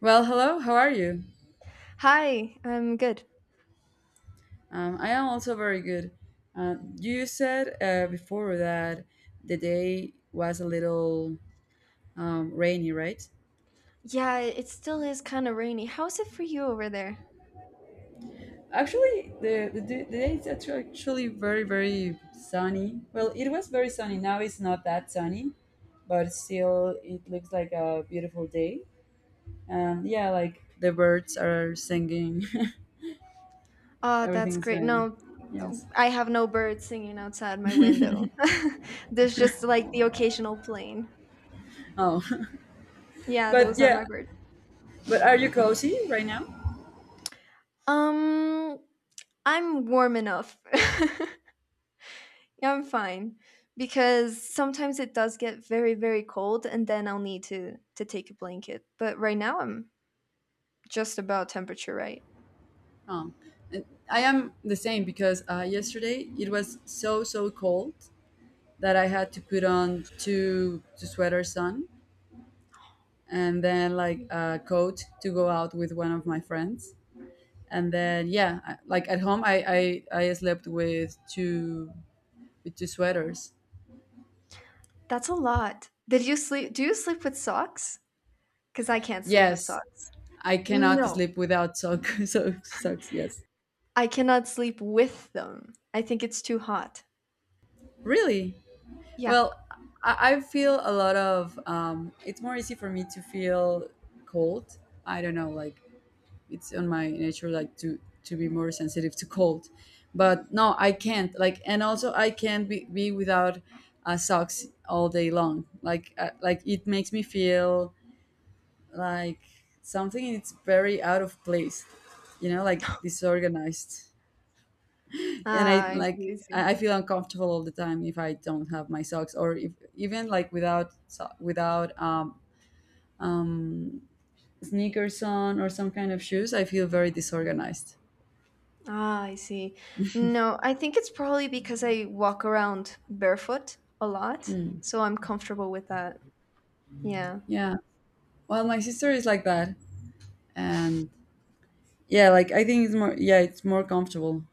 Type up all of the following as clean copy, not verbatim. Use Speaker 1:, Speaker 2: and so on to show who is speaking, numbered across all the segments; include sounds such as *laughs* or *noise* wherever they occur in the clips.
Speaker 1: Well, hello, how are you?
Speaker 2: Hi, I'm good.
Speaker 1: I am also very good. You said before that the day was a little rainy, right?
Speaker 2: Yeah, it still is kind of rainy. How's it for you over there?
Speaker 1: Actually, the day is actually very, very sunny. Well, it was very sunny. Now it's not that sunny, but still it looks like a beautiful day. And yeah, like the birds are singing, *laughs*
Speaker 2: Oh,
Speaker 1: everything
Speaker 2: that's
Speaker 1: is
Speaker 2: great.
Speaker 1: going on.
Speaker 2: No, no,
Speaker 1: Yes.
Speaker 2: I have no birds singing outside my window. *laughs* There's just like the occasional plane.
Speaker 1: Oh, *laughs*
Speaker 2: Yeah,
Speaker 1: but
Speaker 2: those are my
Speaker 1: yeah,
Speaker 2: birds.
Speaker 1: but are you cozy right now?
Speaker 2: Um, I'm warm enough. *laughs* Yeah, I'm fine because sometimes it does get very, very cold and then I'll need to take a blanket. But right now I'm just about temperature right.
Speaker 1: Um, and I am the same because yesterday it was so cold that I had to put on two sweaters on, and then like a coat to go out with one of my friends. And then yeah, like at home I slept with two sweaters.
Speaker 2: That's a lot. Did you sleep do you sleep with socks? 'Cause I can't sleep with
Speaker 1: Yes,
Speaker 2: socks.
Speaker 1: I cannot
Speaker 2: No,
Speaker 1: sleep without socks. *laughs* So socks. Yes,
Speaker 2: I cannot sleep with them. I think it's too hot.
Speaker 1: really.
Speaker 2: Yeah.
Speaker 1: Well, I feel a lot of. It's more easy for me to feel cold. I don't know, like it's on my nature, like to be more sensitive to cold. But no, I can't. Like, and also I can't be without socks all day long. Like it makes me feel like something. It's very out of place. You know, like disorganized, and I
Speaker 2: Ah, I see,
Speaker 1: like
Speaker 2: I
Speaker 1: I
Speaker 2: see.
Speaker 1: I feel uncomfortable all the time if I don't have my socks, or if even like without um, sneakers on or some kind of shoes, I feel very disorganized.
Speaker 2: Ah, I see. No, I think it's probably because I walk around barefoot a lot,
Speaker 1: Hmm.
Speaker 2: so I'm comfortable with that. Yeah.
Speaker 1: Yeah. Well, my sister is like that, and yeah, like I think it's more. Yeah, it's more comfortable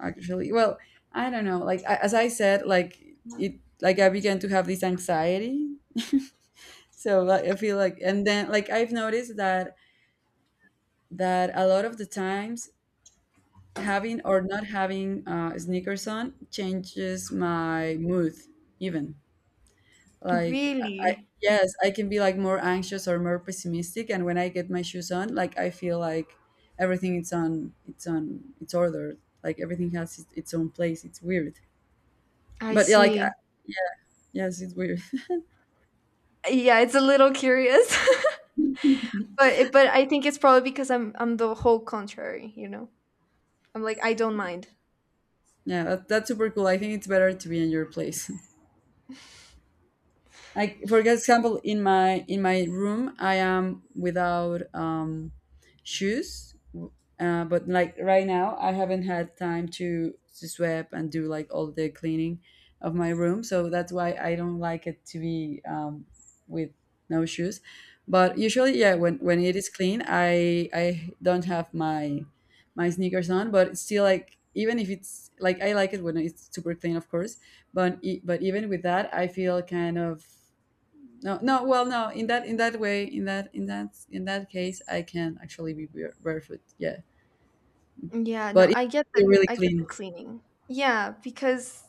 Speaker 1: actually. Well, I don't know. Like I, as I said, like it. Like I began to have this anxiety. *laughs* So like, I feel like, and then like I've noticed that a lot of the times having or not having sneakers on changes my mood, even like I
Speaker 2: Really?
Speaker 1: yes, I can be like more anxious or more pessimistic, and when I get my shoes on like I feel like everything it's ordered, like everything has its own place, it's weird.
Speaker 2: I
Speaker 1: But yeah, like
Speaker 2: see.
Speaker 1: yeah, yes, it's weird.
Speaker 2: Yeah, it's a little curious. *laughs* But I think it's probably because I'm the whole contrary, you know? I'm like, I don't mind.
Speaker 1: *laughs* Yeah, that's super cool. I think it's better to be in your place, like for example in my room I am without shoes. But like right now I haven't had time to sweep and do like all the cleaning of my room, so that's why I don't like it to be with no shoes. But usually yeah, when it is clean I don't have my sneakers on. But it's still like, even if it's like, I like it when it's super clean of course, but but even with that I feel kind of. No, no. Well, no. In that way, in that case, I can actually be barefoot. Yeah,
Speaker 2: Yeah, no,
Speaker 1: but it
Speaker 2: I get
Speaker 1: be
Speaker 2: the
Speaker 1: really
Speaker 2: I get
Speaker 1: clean.
Speaker 2: the cleaning. Yeah, because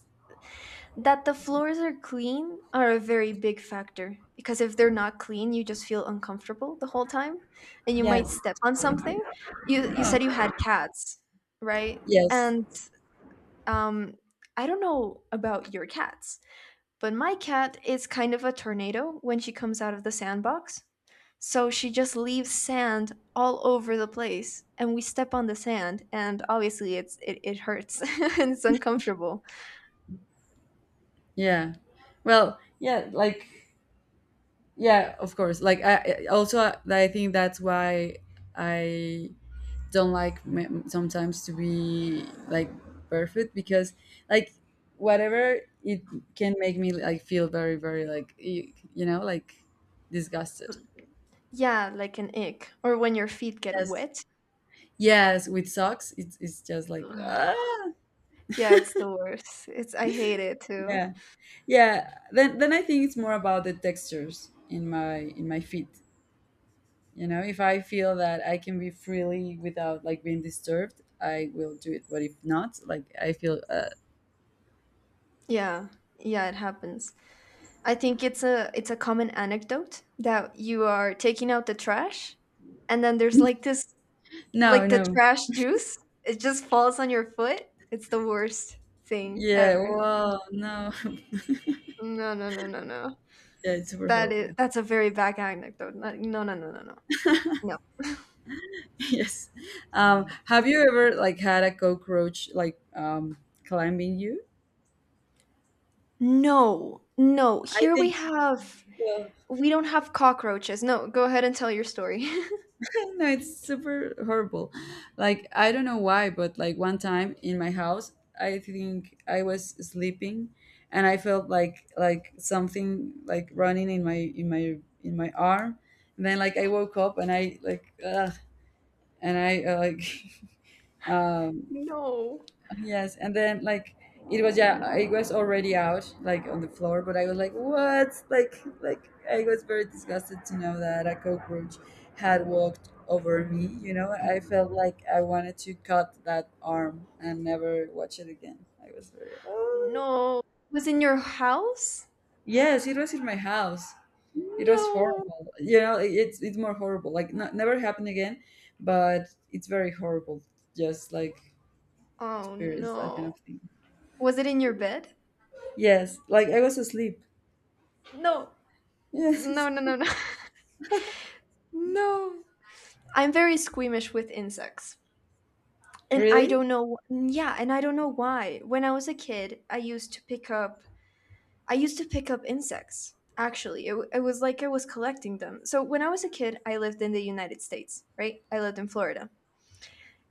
Speaker 2: that the floors are clean are a very big factor because if they're not clean, you just feel uncomfortable the whole time and you might
Speaker 1: Yes.
Speaker 2: step on something. You
Speaker 1: Oh,
Speaker 2: said you had cats, right?
Speaker 1: yes.
Speaker 2: And um I don't know about your cats, but my cat is kind of a tornado when she comes out of the sandbox. So she just leaves sand all over the place and we step on the sand and obviously it hurts *laughs* and it's uncomfortable.
Speaker 1: Yeah. Well, yeah. Like, yeah. Of course. Like, also I think that's why I don't sometimes to be like barefoot, because like whatever it can make me like feel very, very like you know like disgusted.
Speaker 2: Yeah, like an ick. Or when your feet get
Speaker 1: Yes.
Speaker 2: wet.
Speaker 1: Yes, with socks, it's just like ah,
Speaker 2: Yeah, it's the worst. It's I hate it too.
Speaker 1: yeah, yeah. Then I think it's more about the textures in my feet. You know, if I feel that I can be freely without like being disturbed, I will do it. But if not, like I feel
Speaker 2: Yeah. Yeah, it happens. I think it's a common anecdote that you are taking out the trash and then there's like this
Speaker 1: no,
Speaker 2: like the
Speaker 1: no,
Speaker 2: trash juice. It just falls on your foot. It's the worst thing
Speaker 1: yeah,
Speaker 2: ever.
Speaker 1: well, no, *laughs*
Speaker 2: No, no, no, no, no.
Speaker 1: yeah, it's super
Speaker 2: That is
Speaker 1: horrible.
Speaker 2: that's a very bad anecdote. No, no, no, no, no. No.
Speaker 1: *laughs* Yes. Have you ever like had a cockroach like climbing you?
Speaker 2: No. No.
Speaker 1: I
Speaker 2: Here
Speaker 1: think. Well,
Speaker 2: we don't have cockroaches. No, go ahead and tell your story. *laughs*
Speaker 1: *laughs* no, it's super horrible. Like I don't know why, but like one time in my house, I think I was sleeping, and I felt like something like running in my arm. And then like I woke up and I like ugh, and I like *laughs* um
Speaker 2: No.
Speaker 1: yes, and then like it was yeah, it was already out like on the floor, but I was like, what? Like, I was very disgusted to know that a cockroach had walked over me. You know, I felt like I wanted to cut that arm and never watch it again. I was very oh.
Speaker 2: No. Was in your house?
Speaker 1: Yes, it was in my house. It was
Speaker 2: No.
Speaker 1: horrible. You know, it's more horrible. Like not, never happened again, but it's very horrible. Just like
Speaker 2: Oh
Speaker 1: experience that kind of
Speaker 2: no.
Speaker 1: thing.
Speaker 2: Was it in your bed?
Speaker 1: Yes, like I was asleep.
Speaker 2: No. No,
Speaker 1: Yes.
Speaker 2: no, no, no. *laughs* No. I'm very squeamish with insects. And I
Speaker 1: Really?
Speaker 2: don't know and I don't know why. When I was a kid, I used to pick up insects. Actually, it was like I was collecting them. So when I was a kid, I lived in the United States, right? I lived in Florida.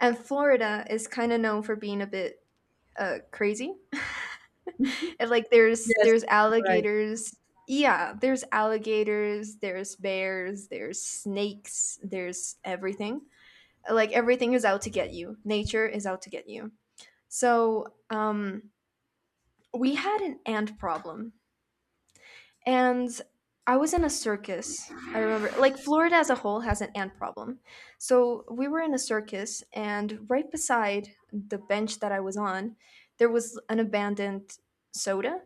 Speaker 2: And Florida is kind of known for being a bit crazy. And like there's
Speaker 1: Yes.
Speaker 2: there's
Speaker 1: Right.
Speaker 2: alligators. Yeah, there's alligators, there's bears, there's snakes, there's everything. Like everything is out to get you. Nature is out to get you. So, we had an ant problem, and I was in a circus. I remember, like Florida as a whole has an ant problem. So we were in a circus, and right beside the bench that I was on, there was an abandoned soda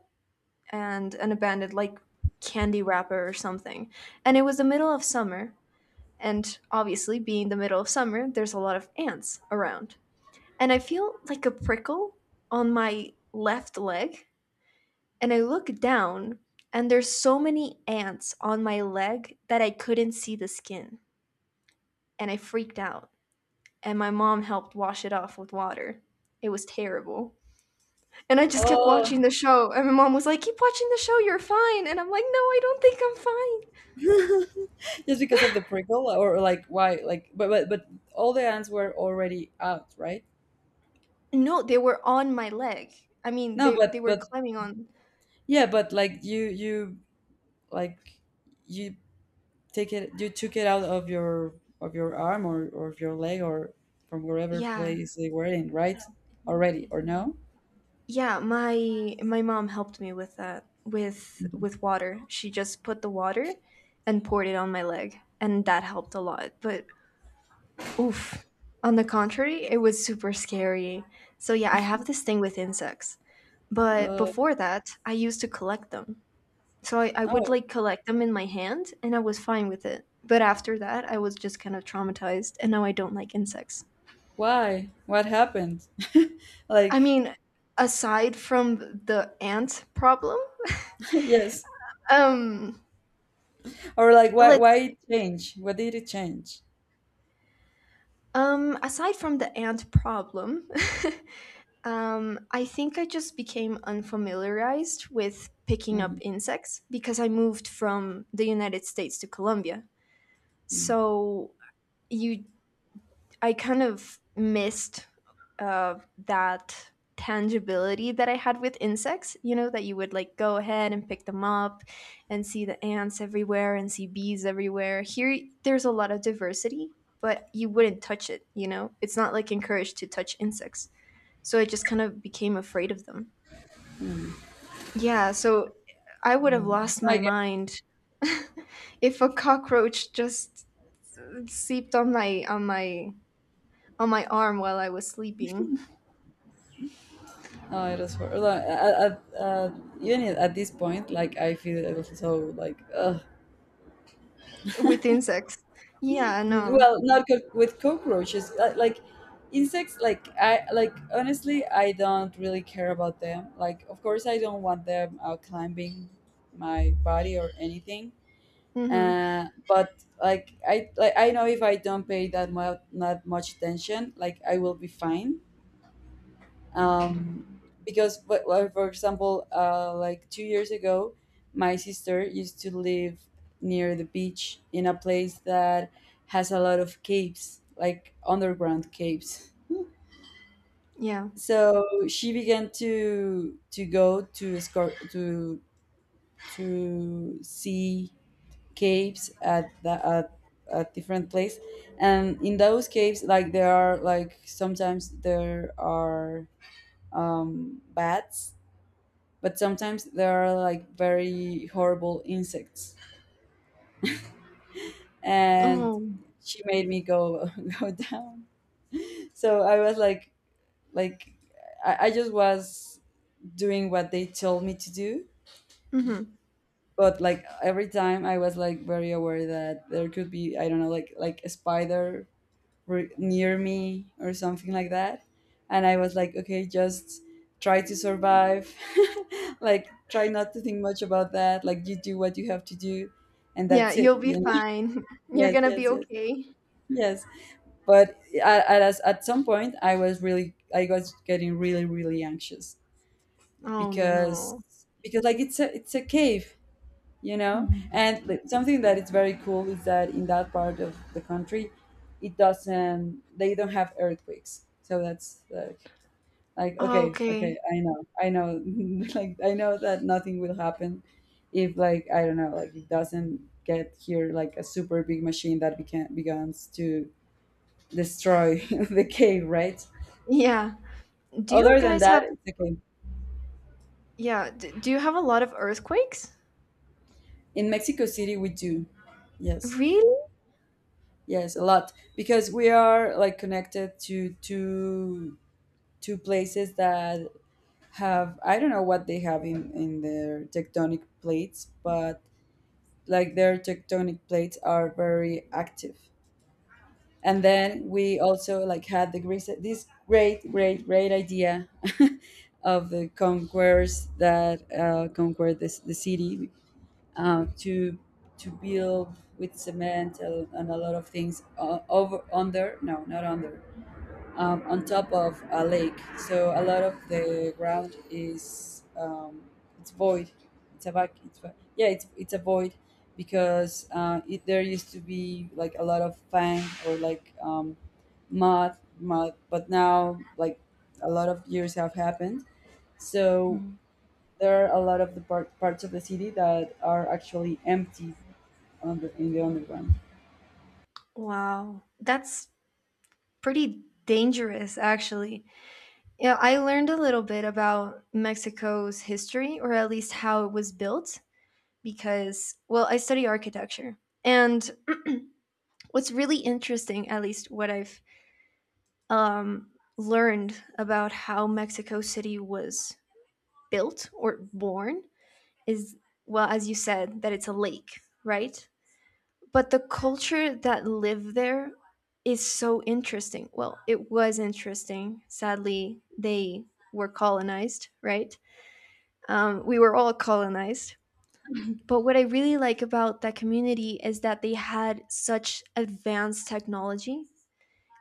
Speaker 2: and an abandoned, like, candy wrapper or something. And it was the middle of summer. And obviously, being the middle of summer, there's a lot of ants around. And I feel like a prickle on my left leg and I look down and there's so many ants on my leg that I couldn't see the skin and I freaked out and my mom helped wash it off with water. It was terrible. And I just kept
Speaker 1: Oh,
Speaker 2: watching the show and my mom was like, "Keep watching the show, you're fine." And I'm like, "No, I don't think I'm fine."
Speaker 1: *laughs* just because of the prickle, or like why? Like, but all the ants were already out, right?
Speaker 2: No, they were on my leg. I mean,
Speaker 1: No,
Speaker 2: they were
Speaker 1: but
Speaker 2: climbing on.
Speaker 1: yeah, but like you like you you took it out of your arm or of your leg or from wherever
Speaker 2: Yeah.
Speaker 1: place they were in, right? Already or no?
Speaker 2: Yeah, my mom helped me with that with
Speaker 1: Mhm.
Speaker 2: with water. She just put the water and poured it on my leg, and that helped a lot. But oof, on the contrary, it was super scary. So yeah, I have this thing with insects. But
Speaker 1: Uh,
Speaker 2: before that, I used to collect them. So I would
Speaker 1: oh,
Speaker 2: like collect them in my hand and I was fine with it. But after that, I was just kind of traumatized and now I don't like insects.
Speaker 1: why? What happened? *laughs*
Speaker 2: I
Speaker 1: Like,
Speaker 2: mean, aside from the ant problem,
Speaker 1: *laughs* yes.
Speaker 2: um
Speaker 1: Or like, why
Speaker 2: let's
Speaker 1: it change? What did it change?
Speaker 2: Um, aside from the ant problem, *laughs* I think I just became unfamiliarized with picking up
Speaker 1: Mm,
Speaker 2: insects because I moved from the United States to Colombia.
Speaker 1: mm.
Speaker 2: So you I kind of missed uh, that tangibility that I had with insects, you know, that you would like go ahead and pick them up and see the ants everywhere and see bees everywhere. Here, there's a lot of diversity, but you wouldn't touch it, you know? It's not like encouraged to touch insects. So I just kind of became afraid of them. Yeah, so I would have lost
Speaker 1: I
Speaker 2: my
Speaker 1: get.
Speaker 2: mind if a cockroach just seeped on my on my arm while I was sleeping.
Speaker 1: No, it was horrible. Even at this point, like I feel it was so like, ugh.
Speaker 2: With insects. Yeah, no,
Speaker 1: Well,
Speaker 2: know.
Speaker 1: not co- with cockroaches. Like insects, like I like honestly, I don't really care about them. Like, of course, I don't want them climbing my body or anything.
Speaker 2: Mhm.
Speaker 1: But like I know if I don't pay that much attention, like I will be fine. Because but, well, for example like 2 years ago my sister used to live near the beach in a place that has a lot of caves, like underground caves.
Speaker 2: Yeah.
Speaker 1: So she began to go to see caves at the at a different place. And in those caves like there are, like sometimes there are bats, but sometimes there are like very horrible insects, and
Speaker 2: Oh.
Speaker 1: she made me go *laughs* go down. So I was like I just was doing what they told me to do.
Speaker 2: Mhm.
Speaker 1: But like every time I was like very aware that there could be, I don't know, like a spider were near me or something like that. And I was like, okay, just try to survive. *laughs* Like, try not to think much about that. Like, you do what you have to do, and
Speaker 2: Yeah,
Speaker 1: that's it.
Speaker 2: you'll be
Speaker 1: You know?
Speaker 2: fine. *laughs*
Speaker 1: *laughs*
Speaker 2: You're
Speaker 1: Yes,
Speaker 2: gonna be
Speaker 1: yes, yes,
Speaker 2: okay.
Speaker 1: yes. But at some point, I was really, I was getting really, really anxious,
Speaker 2: Oh
Speaker 1: because
Speaker 2: no.
Speaker 1: like it's a cave, you know,
Speaker 2: Mhm.
Speaker 1: and like, something that is very cool is that in that part of the country, it doesn't they don't have earthquakes. So that's like, okay,
Speaker 2: Okay.
Speaker 1: I know, *laughs* like I know that nothing will happen if, like, I don't know, like, it doesn't get here like a super big machine that began begins to destroy *laughs* the cave, right?
Speaker 2: Yeah. Do you
Speaker 1: Other than
Speaker 2: guys
Speaker 1: that
Speaker 2: have
Speaker 1: it's okay.
Speaker 2: do you have a lot of earthquakes?
Speaker 1: In Mexico City we do. Yes.
Speaker 2: Really?
Speaker 1: Yes, a lot, because we are like connected to two places that have, I don't know what they have in their tectonic plates, but like their tectonic plates are very active. And then we also like had the great, this great idea *laughs* of the conquerors that conquered this the city, to build with cement and a lot of things, over under, no, not under, on top of a lake. So a lot of the ground is it's void, it's a vac- it's va- yeah it's a void, because there used to be like a lot of fang or like mud, but now like a lot of years have happened. So
Speaker 2: Mm.
Speaker 1: there are a lot of the parts of the city that are actually empty on in the underground.
Speaker 2: Wow. That's pretty dangerous, actually. Yeah, I learned a little bit about Mexico's history, or at least how it was built, because, well, I study architecture. And what's really interesting, at least what I've um, learned about how Mexico City was built or born, is, well, as you said, that it's a lake, right? But the culture that lived there is so interesting. Well, it was interesting. Sadly, they were colonized, right? We were all colonized. But what I really like about that community is that they had such advanced technology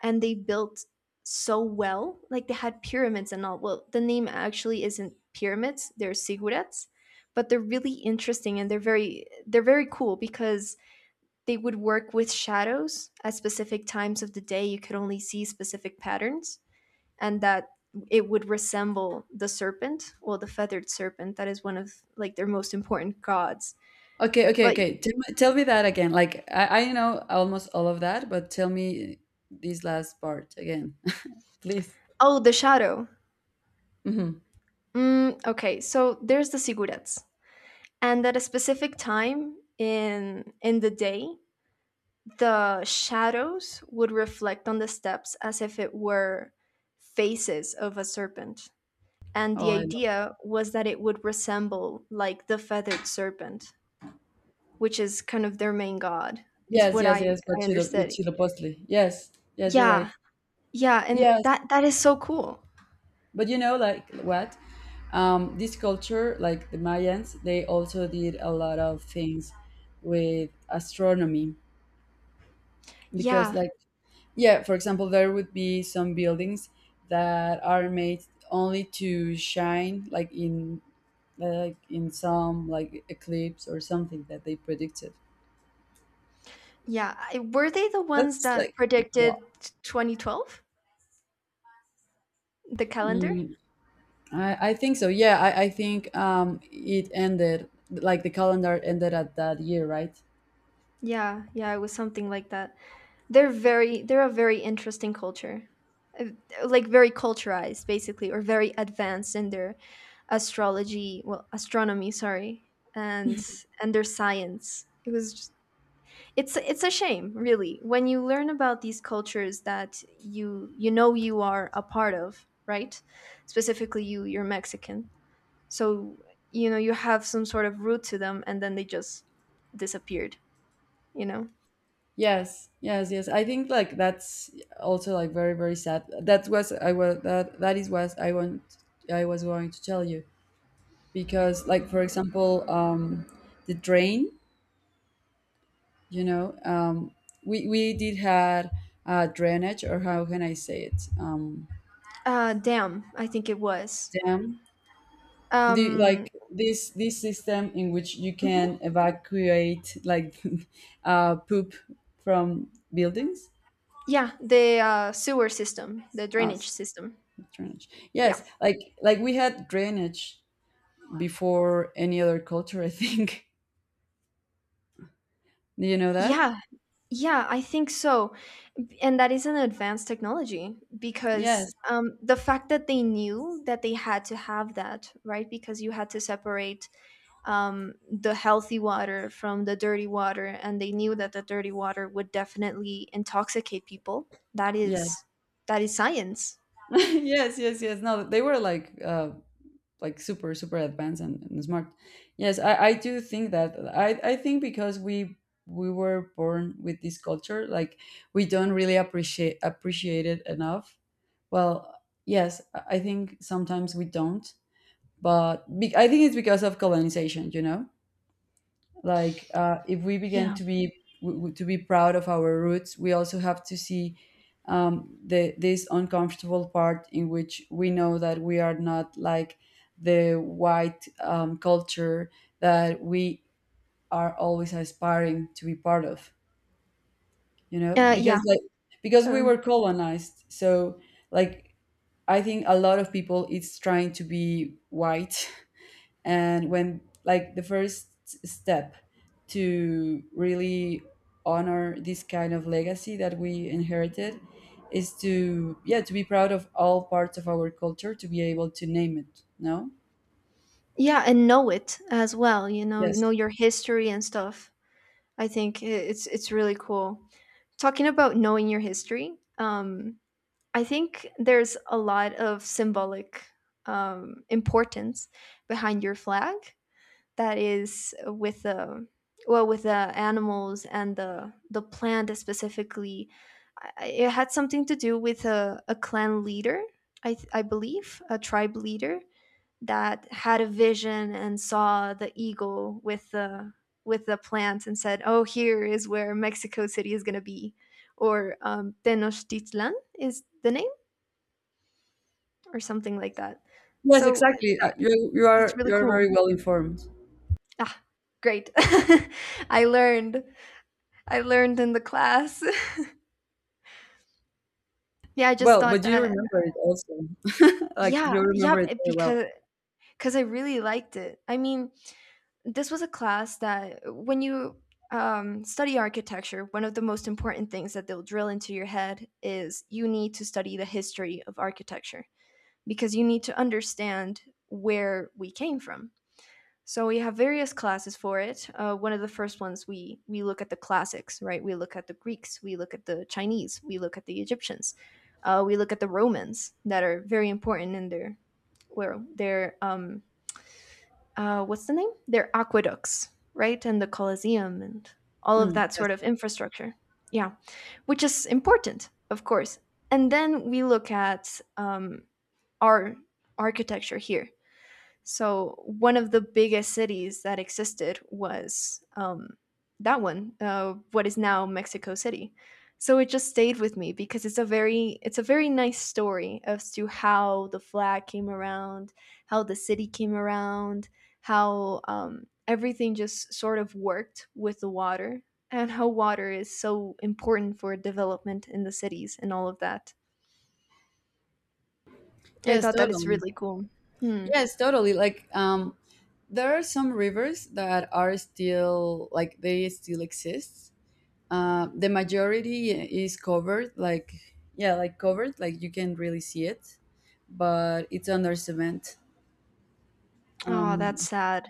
Speaker 2: and they built so well. Like they had pyramids and all. Well, the name actually isn't pyramids; they're ziggurats, but they're really interesting and they're very cool because they would work with shadows at specific times of the day. You could only see specific patterns, and that it would resemble the serpent, well, the feathered serpent. That is one of like their most important gods.
Speaker 1: Okay, okay,
Speaker 2: But
Speaker 1: okay. Tell me that again. Like I know almost all of that, but tell me this last part again, *laughs* please.
Speaker 2: oh, the shadow.
Speaker 1: Hmm.
Speaker 2: Mm, okay, so there's the sigurats, and at a specific time in the day the shadows would reflect on the steps as if it were faces of a serpent, and
Speaker 1: Oh,
Speaker 2: the
Speaker 1: I love.
Speaker 2: idea was that it would resemble like the feathered serpent, which is kind of their main god, is
Speaker 1: Yes,
Speaker 2: what
Speaker 1: yes,
Speaker 2: i
Speaker 1: yes. But
Speaker 2: i
Speaker 1: Chilo, with
Speaker 2: understood.
Speaker 1: Chilopostli. Yes, yes, you're
Speaker 2: Yeah,
Speaker 1: right.
Speaker 2: yeah, and
Speaker 1: Yes,
Speaker 2: that is so cool.
Speaker 1: but you know, like what? This culture, like the Mayans, they also did a lot of things with astronomy, because,
Speaker 2: Yeah,
Speaker 1: like, yeah, for example, there would be some buildings that are made only to shine, like in some like eclipse or something that they predicted.
Speaker 2: yeah, were they the ones
Speaker 1: That's like
Speaker 2: that
Speaker 1: wow.
Speaker 2: predicted 2012, the calendar?
Speaker 1: Mm, I think so. Yeah, I think it ended, like the calendar ended at that year, right?
Speaker 2: Yeah, yeah, it was something like that. They're a very interesting culture. Uh, Like very culturized basically or very advanced in their astrology, well astronomy, sorry, and their science. It was just, it's a shame, really, when you learn about these cultures that you know you are a part of, right? Specifically you're Mexican. So, you have some sort of root to them and then they just disappeared, you know.
Speaker 1: Yes, yes, yes. I think like that's also like very, very sad. That was I was that is what I want I was going to tell you. Because, like, for example, the drain, you know, we did had drainage, or how can I say it?
Speaker 2: Damn, I think it was
Speaker 1: Dam, the,
Speaker 2: um
Speaker 1: like, this system in which you
Speaker 2: Mhm.
Speaker 1: can evacuate, like, *laughs* poop from buildings.
Speaker 2: Yeah, the sewer system, the drainage
Speaker 1: Us
Speaker 2: system.
Speaker 1: drainage.
Speaker 2: Yeah.
Speaker 1: Yes, like we had drainage before any other culture, I think. *laughs* Do you know that?
Speaker 2: Yeah. Yeah, I think so. And that is an advanced technology because
Speaker 1: Yes,
Speaker 2: the fact that they knew that they had to have that, right? Because you had to separate the healthy water from the dirty water, and they knew that the dirty water would definitely intoxicate people. That is
Speaker 1: yes.
Speaker 2: that is science.
Speaker 1: *laughs* Yes, yes, yes. No, they were like super advanced and, smart. Yes, I do think that. I think because we were born with this culture, like, we don't really appreciate it enough. Well, yes, I think sometimes we don't. But I think it's because of colonization, you know, like, if we begin
Speaker 2: Yeah.
Speaker 1: to be to be proud of our roots, we also have to see the this uncomfortable part in which we know that we are not like the white, culture that we are always aspiring to be part of, you know,
Speaker 2: Yeah,
Speaker 1: because, like, because we
Speaker 2: totally.
Speaker 1: were colonized. So, like, I think a lot of people it's trying to be white. *laughs* And when, like, the first step to really honor this kind of legacy that we inherited is to, yeah, to be proud of all parts of our culture, to be able to name it. No?
Speaker 2: Yeah, and know it as well, know
Speaker 1: Yes,
Speaker 2: your history and stuff. I think it's really cool. Talking about knowing your history, I think there's a lot of symbolic importance behind your flag that is with the animals and the plant specifically. It had something to do with a clan leader, I believe, a tribe leader that had a vision and saw the eagle with the plant and said, "Oh, here is where Mexico City is going to be," or Tenochtitlan is the name, or something like that.
Speaker 1: yes,
Speaker 2: So
Speaker 1: exactly. You,
Speaker 2: that's really
Speaker 1: you are
Speaker 2: cool.
Speaker 1: very well informed.
Speaker 2: Ah, great! *laughs* I learned. I learned in the class. *laughs* Yeah, I just
Speaker 1: Well,
Speaker 2: thought
Speaker 1: but you
Speaker 2: that.
Speaker 1: remember it also. *laughs* Like,
Speaker 2: Yeah,
Speaker 1: you
Speaker 2: yeah,
Speaker 1: remember it
Speaker 2: b-
Speaker 1: very well.
Speaker 2: because because I really liked it. I mean, this was a class that when you study architecture, one of the most important things that they'll drill into your head is you need to study the history of architecture because you need to understand where we came from. So we have various classes for it. One of the first ones we look at the classics, right? We look at the Greeks, we look at the Chinese, we look at the Egyptians, we look at the Romans that are very important in their, well their um, what's the name? Their aqueducts, right? And the Colosseum and all of
Speaker 1: Mm,
Speaker 2: that
Speaker 1: yes.
Speaker 2: sort of infrastructure. Yeah, which is important, of course. And then we look at our architecture here. So one of the biggest cities that existed was that one, what is now Mexico City. So it just stayed with me because it's a very nice story as to how the flag came around, how the city came around, how everything just sort of worked with the water, and how water is so important for development in the cities and all of that. I
Speaker 1: Yes,
Speaker 2: thought that it's
Speaker 1: totally.
Speaker 2: really cool. Hmm.
Speaker 1: Yes, totally. Like, there are some rivers that are still, like, they still exist. The majority is covered, like, yeah, like covered, like, you can really see it, but it's under cement.
Speaker 2: Oh, that's
Speaker 1: Um,
Speaker 2: sad.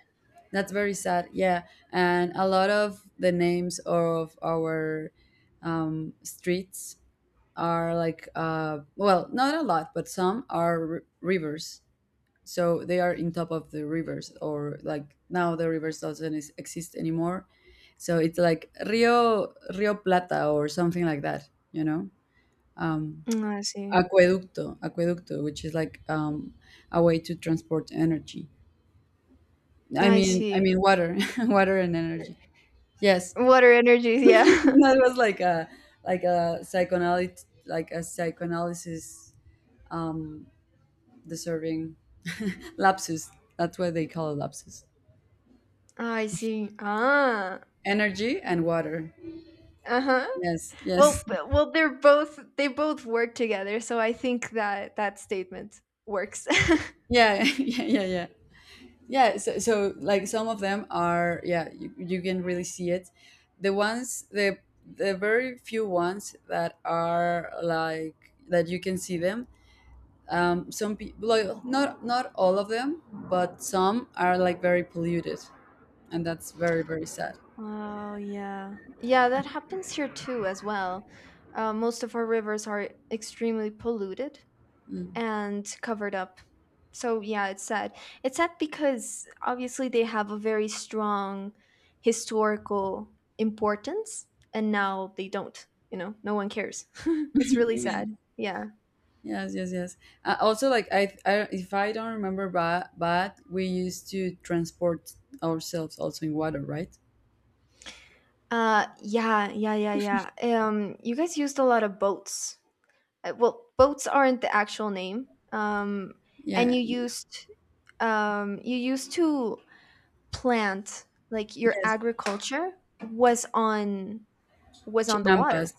Speaker 1: that's very sad. Yeah, and a lot of the names of our, streets are like, well, not a lot, but some are r- rivers, so they are in top of the rivers, or, like, now the rivers doesn't is- exist anymore. So it's like Rio Rio Plata or something like that, you know. Um,
Speaker 2: Mm, I see.
Speaker 1: aqueducto, aqueducto, which is like, um, a way to transport energy. i
Speaker 2: I
Speaker 1: mean i
Speaker 2: see.
Speaker 1: mean water. *laughs* Water and energy. Yes.
Speaker 2: Water energies,
Speaker 1: *laughs*
Speaker 2: yeah.
Speaker 1: That was like a psychoanalyst, like a psychoanalysis, um, deserving lapsus. That's what they call it, lapsus.
Speaker 2: *laughs* I see. Ah.
Speaker 1: Energy and water.
Speaker 2: Uh-huh.
Speaker 1: Yes,
Speaker 2: Well,
Speaker 1: yes.
Speaker 2: well they both work together, so I think that that statement works. *laughs*
Speaker 1: Yeah, *laughs* yeah, yeah, yeah. Yeah, so, so like some of them are, yeah, you can really see it. The ones the very few ones that are like that you can see them. Um, some people like, not all of them, but some are like very polluted, and that's very sad.
Speaker 2: Oh, yeah. Yeah, that happens here too as well. Most of our rivers are extremely polluted,
Speaker 1: Mm. *laughs*
Speaker 2: and covered up. So yeah, it's sad. It's sad because obviously they have a very strong historical importance and now they don't. No one cares. *laughs* It's really
Speaker 1: Yeah.
Speaker 2: sad. Yeah.
Speaker 1: Yes, yes, yes. Also, like, if I don't remember bad, we used to transport ourselves also in water, right?
Speaker 2: Yeah, yeah, yeah, yeah. You guys used a lot of boats. Well, boats aren't the actual name. And
Speaker 1: Yeah.
Speaker 2: you used to plant like your
Speaker 1: Yes.
Speaker 2: agriculture was on was on the water.
Speaker 1: Chinampas.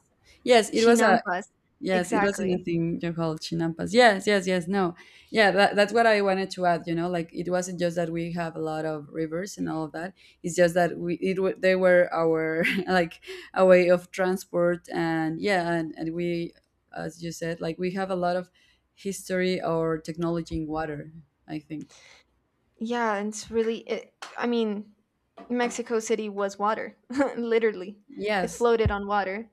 Speaker 1: Yes, it was a
Speaker 2: Chinampas.
Speaker 1: yes, it was in a
Speaker 2: Exactly.
Speaker 1: thing you call chinampas. Yes, yes, yes. No. Yeah, that's what I wanted to add, you know, like, it wasn't just that we have a lot of rivers and all of that. It's just that we it wa- they were our *laughs* like a way of transport. And, yeah, and, we, as you said, like, we have a lot of history or technology in water, I think.
Speaker 2: Yeah, and it's really, I mean, Mexico City was water, *laughs* literally. It
Speaker 1: Yes.
Speaker 2: floated on water.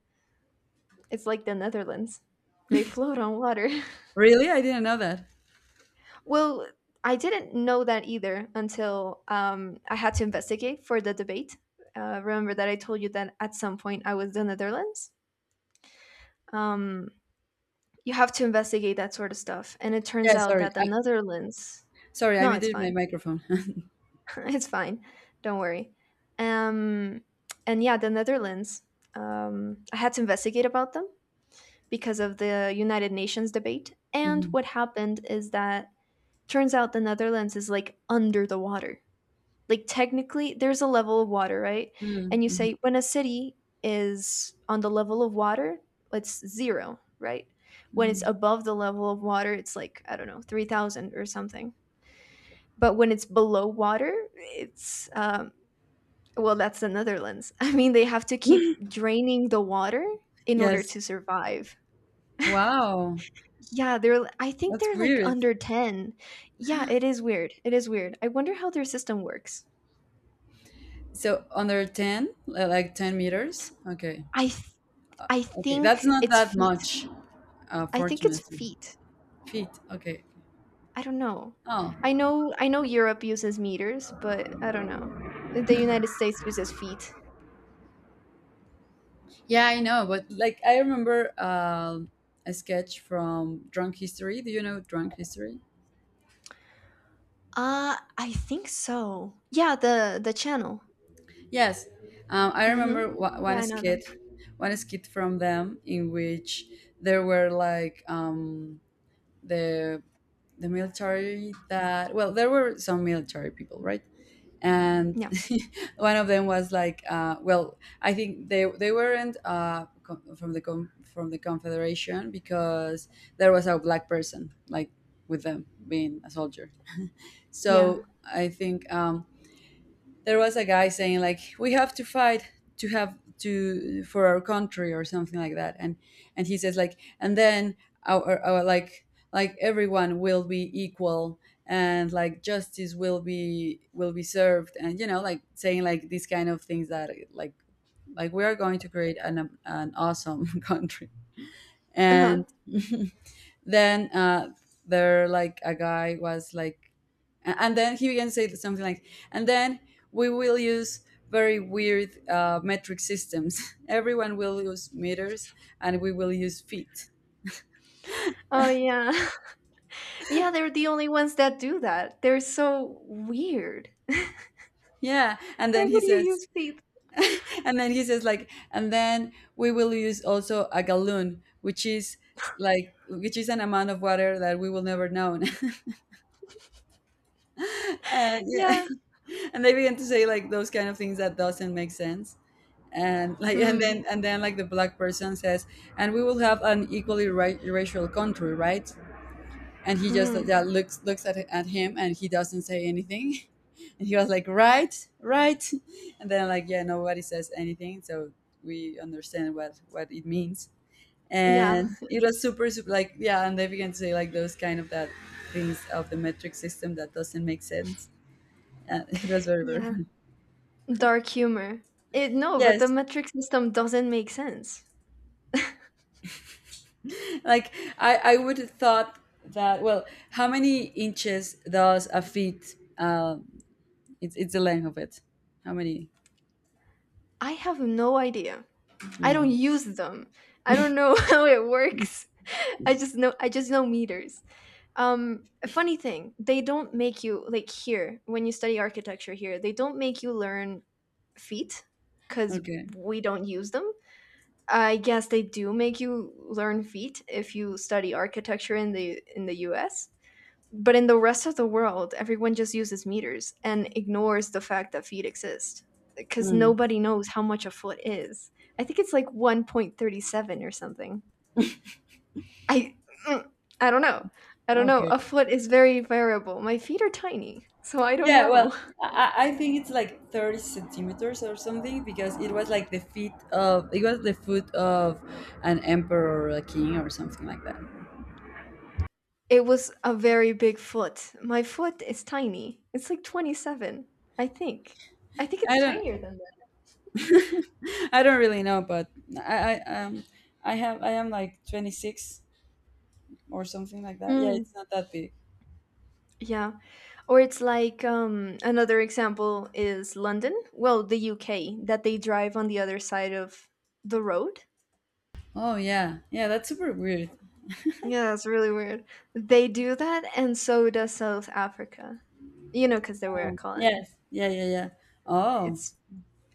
Speaker 2: It's like the Netherlands. They float on water.
Speaker 1: Really? I didn't know that.
Speaker 2: *laughs* Well, I didn't know that either until I had to investigate for the debate. Remember that I told you that at some point I was the Netherlands? Um, you have to investigate that sort of stuff. And it turns
Speaker 1: Yeah,
Speaker 2: out
Speaker 1: sorry.
Speaker 2: that the Netherlands.
Speaker 1: Sorry, I
Speaker 2: No, it's
Speaker 1: muted my
Speaker 2: fine.
Speaker 1: microphone. *laughs*
Speaker 2: *laughs* It's fine. Don't worry. Um, and yeah, the Netherlands. I had to investigate about them because of the United Nations debate. And
Speaker 1: Mhm.
Speaker 2: what happened is that turns out the Netherlands is like under the water. Like technically, there's a level of water, right?
Speaker 1: Mm,
Speaker 2: And you
Speaker 1: mhm,
Speaker 2: say when a city is on the level of water, it's zero, right? When it's
Speaker 1: mhm.
Speaker 2: above the level of water, it's like I don't know, 3,000 or something. But when it's below water, it's, that's the Netherlands. *laughs* I mean, they have to keep draining the water in order
Speaker 1: Yes.
Speaker 2: to survive.
Speaker 1: Wow.
Speaker 2: Yeah, they're I think
Speaker 1: That's
Speaker 2: they're like
Speaker 1: weird.
Speaker 2: under 10. Yeah, it is weird. It is weird. I wonder how their system works.
Speaker 1: So under 10, li- like 10 meters? Okay.
Speaker 2: I th- I
Speaker 1: Okay. That's
Speaker 2: think
Speaker 1: not
Speaker 2: it's
Speaker 1: that
Speaker 2: feet.
Speaker 1: much,
Speaker 2: I think it's
Speaker 1: fortunately.
Speaker 2: feet.
Speaker 1: Feet. Okay.
Speaker 2: I don't know.
Speaker 1: Oh,
Speaker 2: I know Europe uses meters, but I don't know. The United States uses feet.
Speaker 1: yeah, I know. But, like, I remember, um, a sketch from Drunk History. Do you know Drunk History?
Speaker 2: I think so. Yeah, the channel.
Speaker 1: Yes. I
Speaker 2: Mhm.
Speaker 1: remember wa-
Speaker 2: Yeah, I know them.
Speaker 1: one skit from them in which there were like, the the military that, well, there were some military people, right? And
Speaker 2: Yeah.
Speaker 1: *laughs* one of them was like, well, I think they weren't, co- from the com- from the confederation because there was a black person, like, with them being a soldier.
Speaker 2: Yeah.
Speaker 1: So I think, there was a guy saying, like, we have to fight to have to for our country or something like that. And he says, like, and then our, like everyone will be equal, and, like, justice will be served. And, you know, like, saying like these kind of things that, like we are going to create an awesome *laughs* country.
Speaker 2: Uh-huh.
Speaker 1: And *laughs* then there, like, a guy was like and then he began to say something like, and then we will use very weird, metric systems. *laughs* Everyone will use meters, and we will use feet.
Speaker 2: Oh yeah. *laughs* Yeah, they're the only ones that do that. They're so weird.
Speaker 1: Yeah, and
Speaker 2: Why
Speaker 1: then he
Speaker 2: would you
Speaker 1: says,
Speaker 2: use feet?
Speaker 1: *laughs* and then he says, like, and then we will use also a gallon, which is like, which is an amount of water that we will never know. *laughs* And, yeah,
Speaker 2: Yeah.
Speaker 1: *laughs* and they began to say, like, those kind of things that doesn't make sense. And, like,
Speaker 2: Mm.
Speaker 1: and then like, the black person says, and we will have an equally ra- racial country, right? And he just, like,
Speaker 2: Mm.
Speaker 1: yeah, looks at him, and he doesn't say anything. *laughs* And he was like, right, right. And then, like, yeah, nobody says anything. So we understand what it means.
Speaker 2: Yeah.
Speaker 1: And it was super super like, yeah, and they began to say like those kind of that things of the metric system that doesn't make sense. *laughs* It was very
Speaker 2: Yeah.
Speaker 1: fun.
Speaker 2: Dark humor. It no, but the
Speaker 1: Yes,
Speaker 2: metric system doesn't make sense.
Speaker 1: like, I would have thought that, well, how many inches does a feet? Um, it's the length of it. How many
Speaker 2: I have no idea. I don't
Speaker 1: mm.
Speaker 2: use them. I don't know *laughs* how it works. I just know meters. A funny thing, they don't make you like here when you study architecture here, they don't make you learn feet cuz
Speaker 1: Okay.
Speaker 2: we don't use them. I guess they do make you learn feet if you study architecture in the US. But in the rest of the world, everyone just uses meters and ignores the fact that feet exist because
Speaker 1: Mm.
Speaker 2: nobody knows how much a foot is. I think it's like 1.37 or something. I mm, I don't know. I don't know.
Speaker 1: Okay.
Speaker 2: A foot is very variable. My feet are tiny, so I don't
Speaker 1: Yeah, well,
Speaker 2: know. *laughs*
Speaker 1: I I think it's like 30 centimeters or something, because it was like the feet of it was the foot of an emperor or a king or something like that.
Speaker 2: It was a very big foot. My foot is tiny. It's like 27, I think. I think it's
Speaker 1: I don't
Speaker 2: tinier than
Speaker 1: *laughs* I don't really know. But I um, I have I am like 26 or something like that. Yeah,
Speaker 2: Mm,
Speaker 1: it's not that big.
Speaker 2: yeah. Or it's like another example is London, well, the UK, that they drive on the other side of the road.
Speaker 1: Oh, yeah, yeah, that's super weird.
Speaker 2: Yeah, that's really weird. They do that, and so does South Africa. You know, because they were a
Speaker 1: Oh,
Speaker 2: colony.
Speaker 1: yes, yeah, yeah, yeah. Oh,
Speaker 2: It's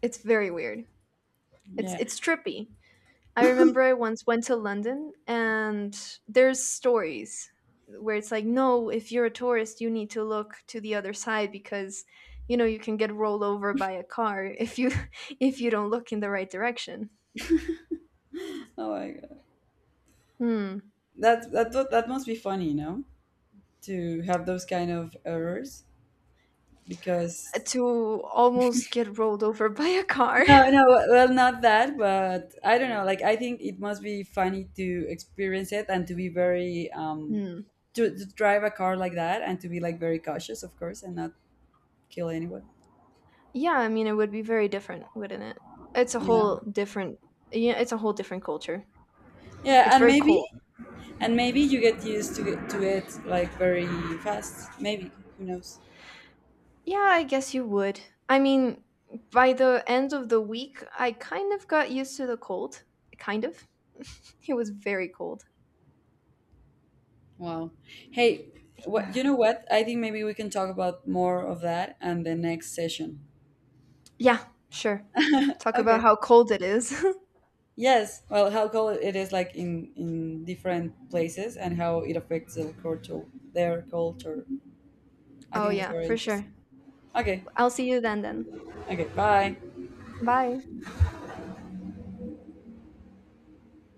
Speaker 2: it's very weird.
Speaker 1: yeah.
Speaker 2: It's trippy. I remember I once went to London and there's stories where it's like, no, if you're a tourist, you need to look to the other side because you know you can get rolled over by a car if you *laughs* if you don't look in the right direction.
Speaker 1: Oh my god,
Speaker 2: Hmm.
Speaker 1: that that must be funny, no? To have those kind of errors, because
Speaker 2: To almost get rolled over by a car. *laughs*
Speaker 1: no, no, well, not that, but I don't know. Like, I think it must be funny to experience it, and to be very um,
Speaker 2: Hmm.
Speaker 1: to, drive a car like that, and to be like very cautious, of course, and not kill anyone.
Speaker 2: Yeah, I mean it would be very different, wouldn't it? It's a
Speaker 1: Yeah,
Speaker 2: whole different Yeah, it's a whole different culture.
Speaker 1: yeah,
Speaker 2: It's
Speaker 1: and
Speaker 2: very
Speaker 1: maybe,
Speaker 2: cold.
Speaker 1: and maybe, you get used to it like very fast. Maybe, who knows?
Speaker 2: Yeah, I guess you would. I mean, by the end of the week, I kind of got used to the cold. Kind of. *laughs* It was very cold.
Speaker 1: Wow. Hey, what
Speaker 2: Yeah.
Speaker 1: you know? what I think maybe we can talk about more of that and the next session.
Speaker 2: Yeah, sure.
Speaker 1: *laughs*
Speaker 2: Talk about
Speaker 1: Okay.
Speaker 2: how cold it is.
Speaker 1: Yes. Well, how cool it is, like, in different places, and how it affects the culture, their culture.
Speaker 2: *laughs*
Speaker 1: I
Speaker 2: Oh,
Speaker 1: think that's
Speaker 2: yeah,
Speaker 1: very
Speaker 2: for sure.
Speaker 1: interesting. Okay.
Speaker 2: I'll see you then then.
Speaker 1: Okay. Bye.
Speaker 2: Bye.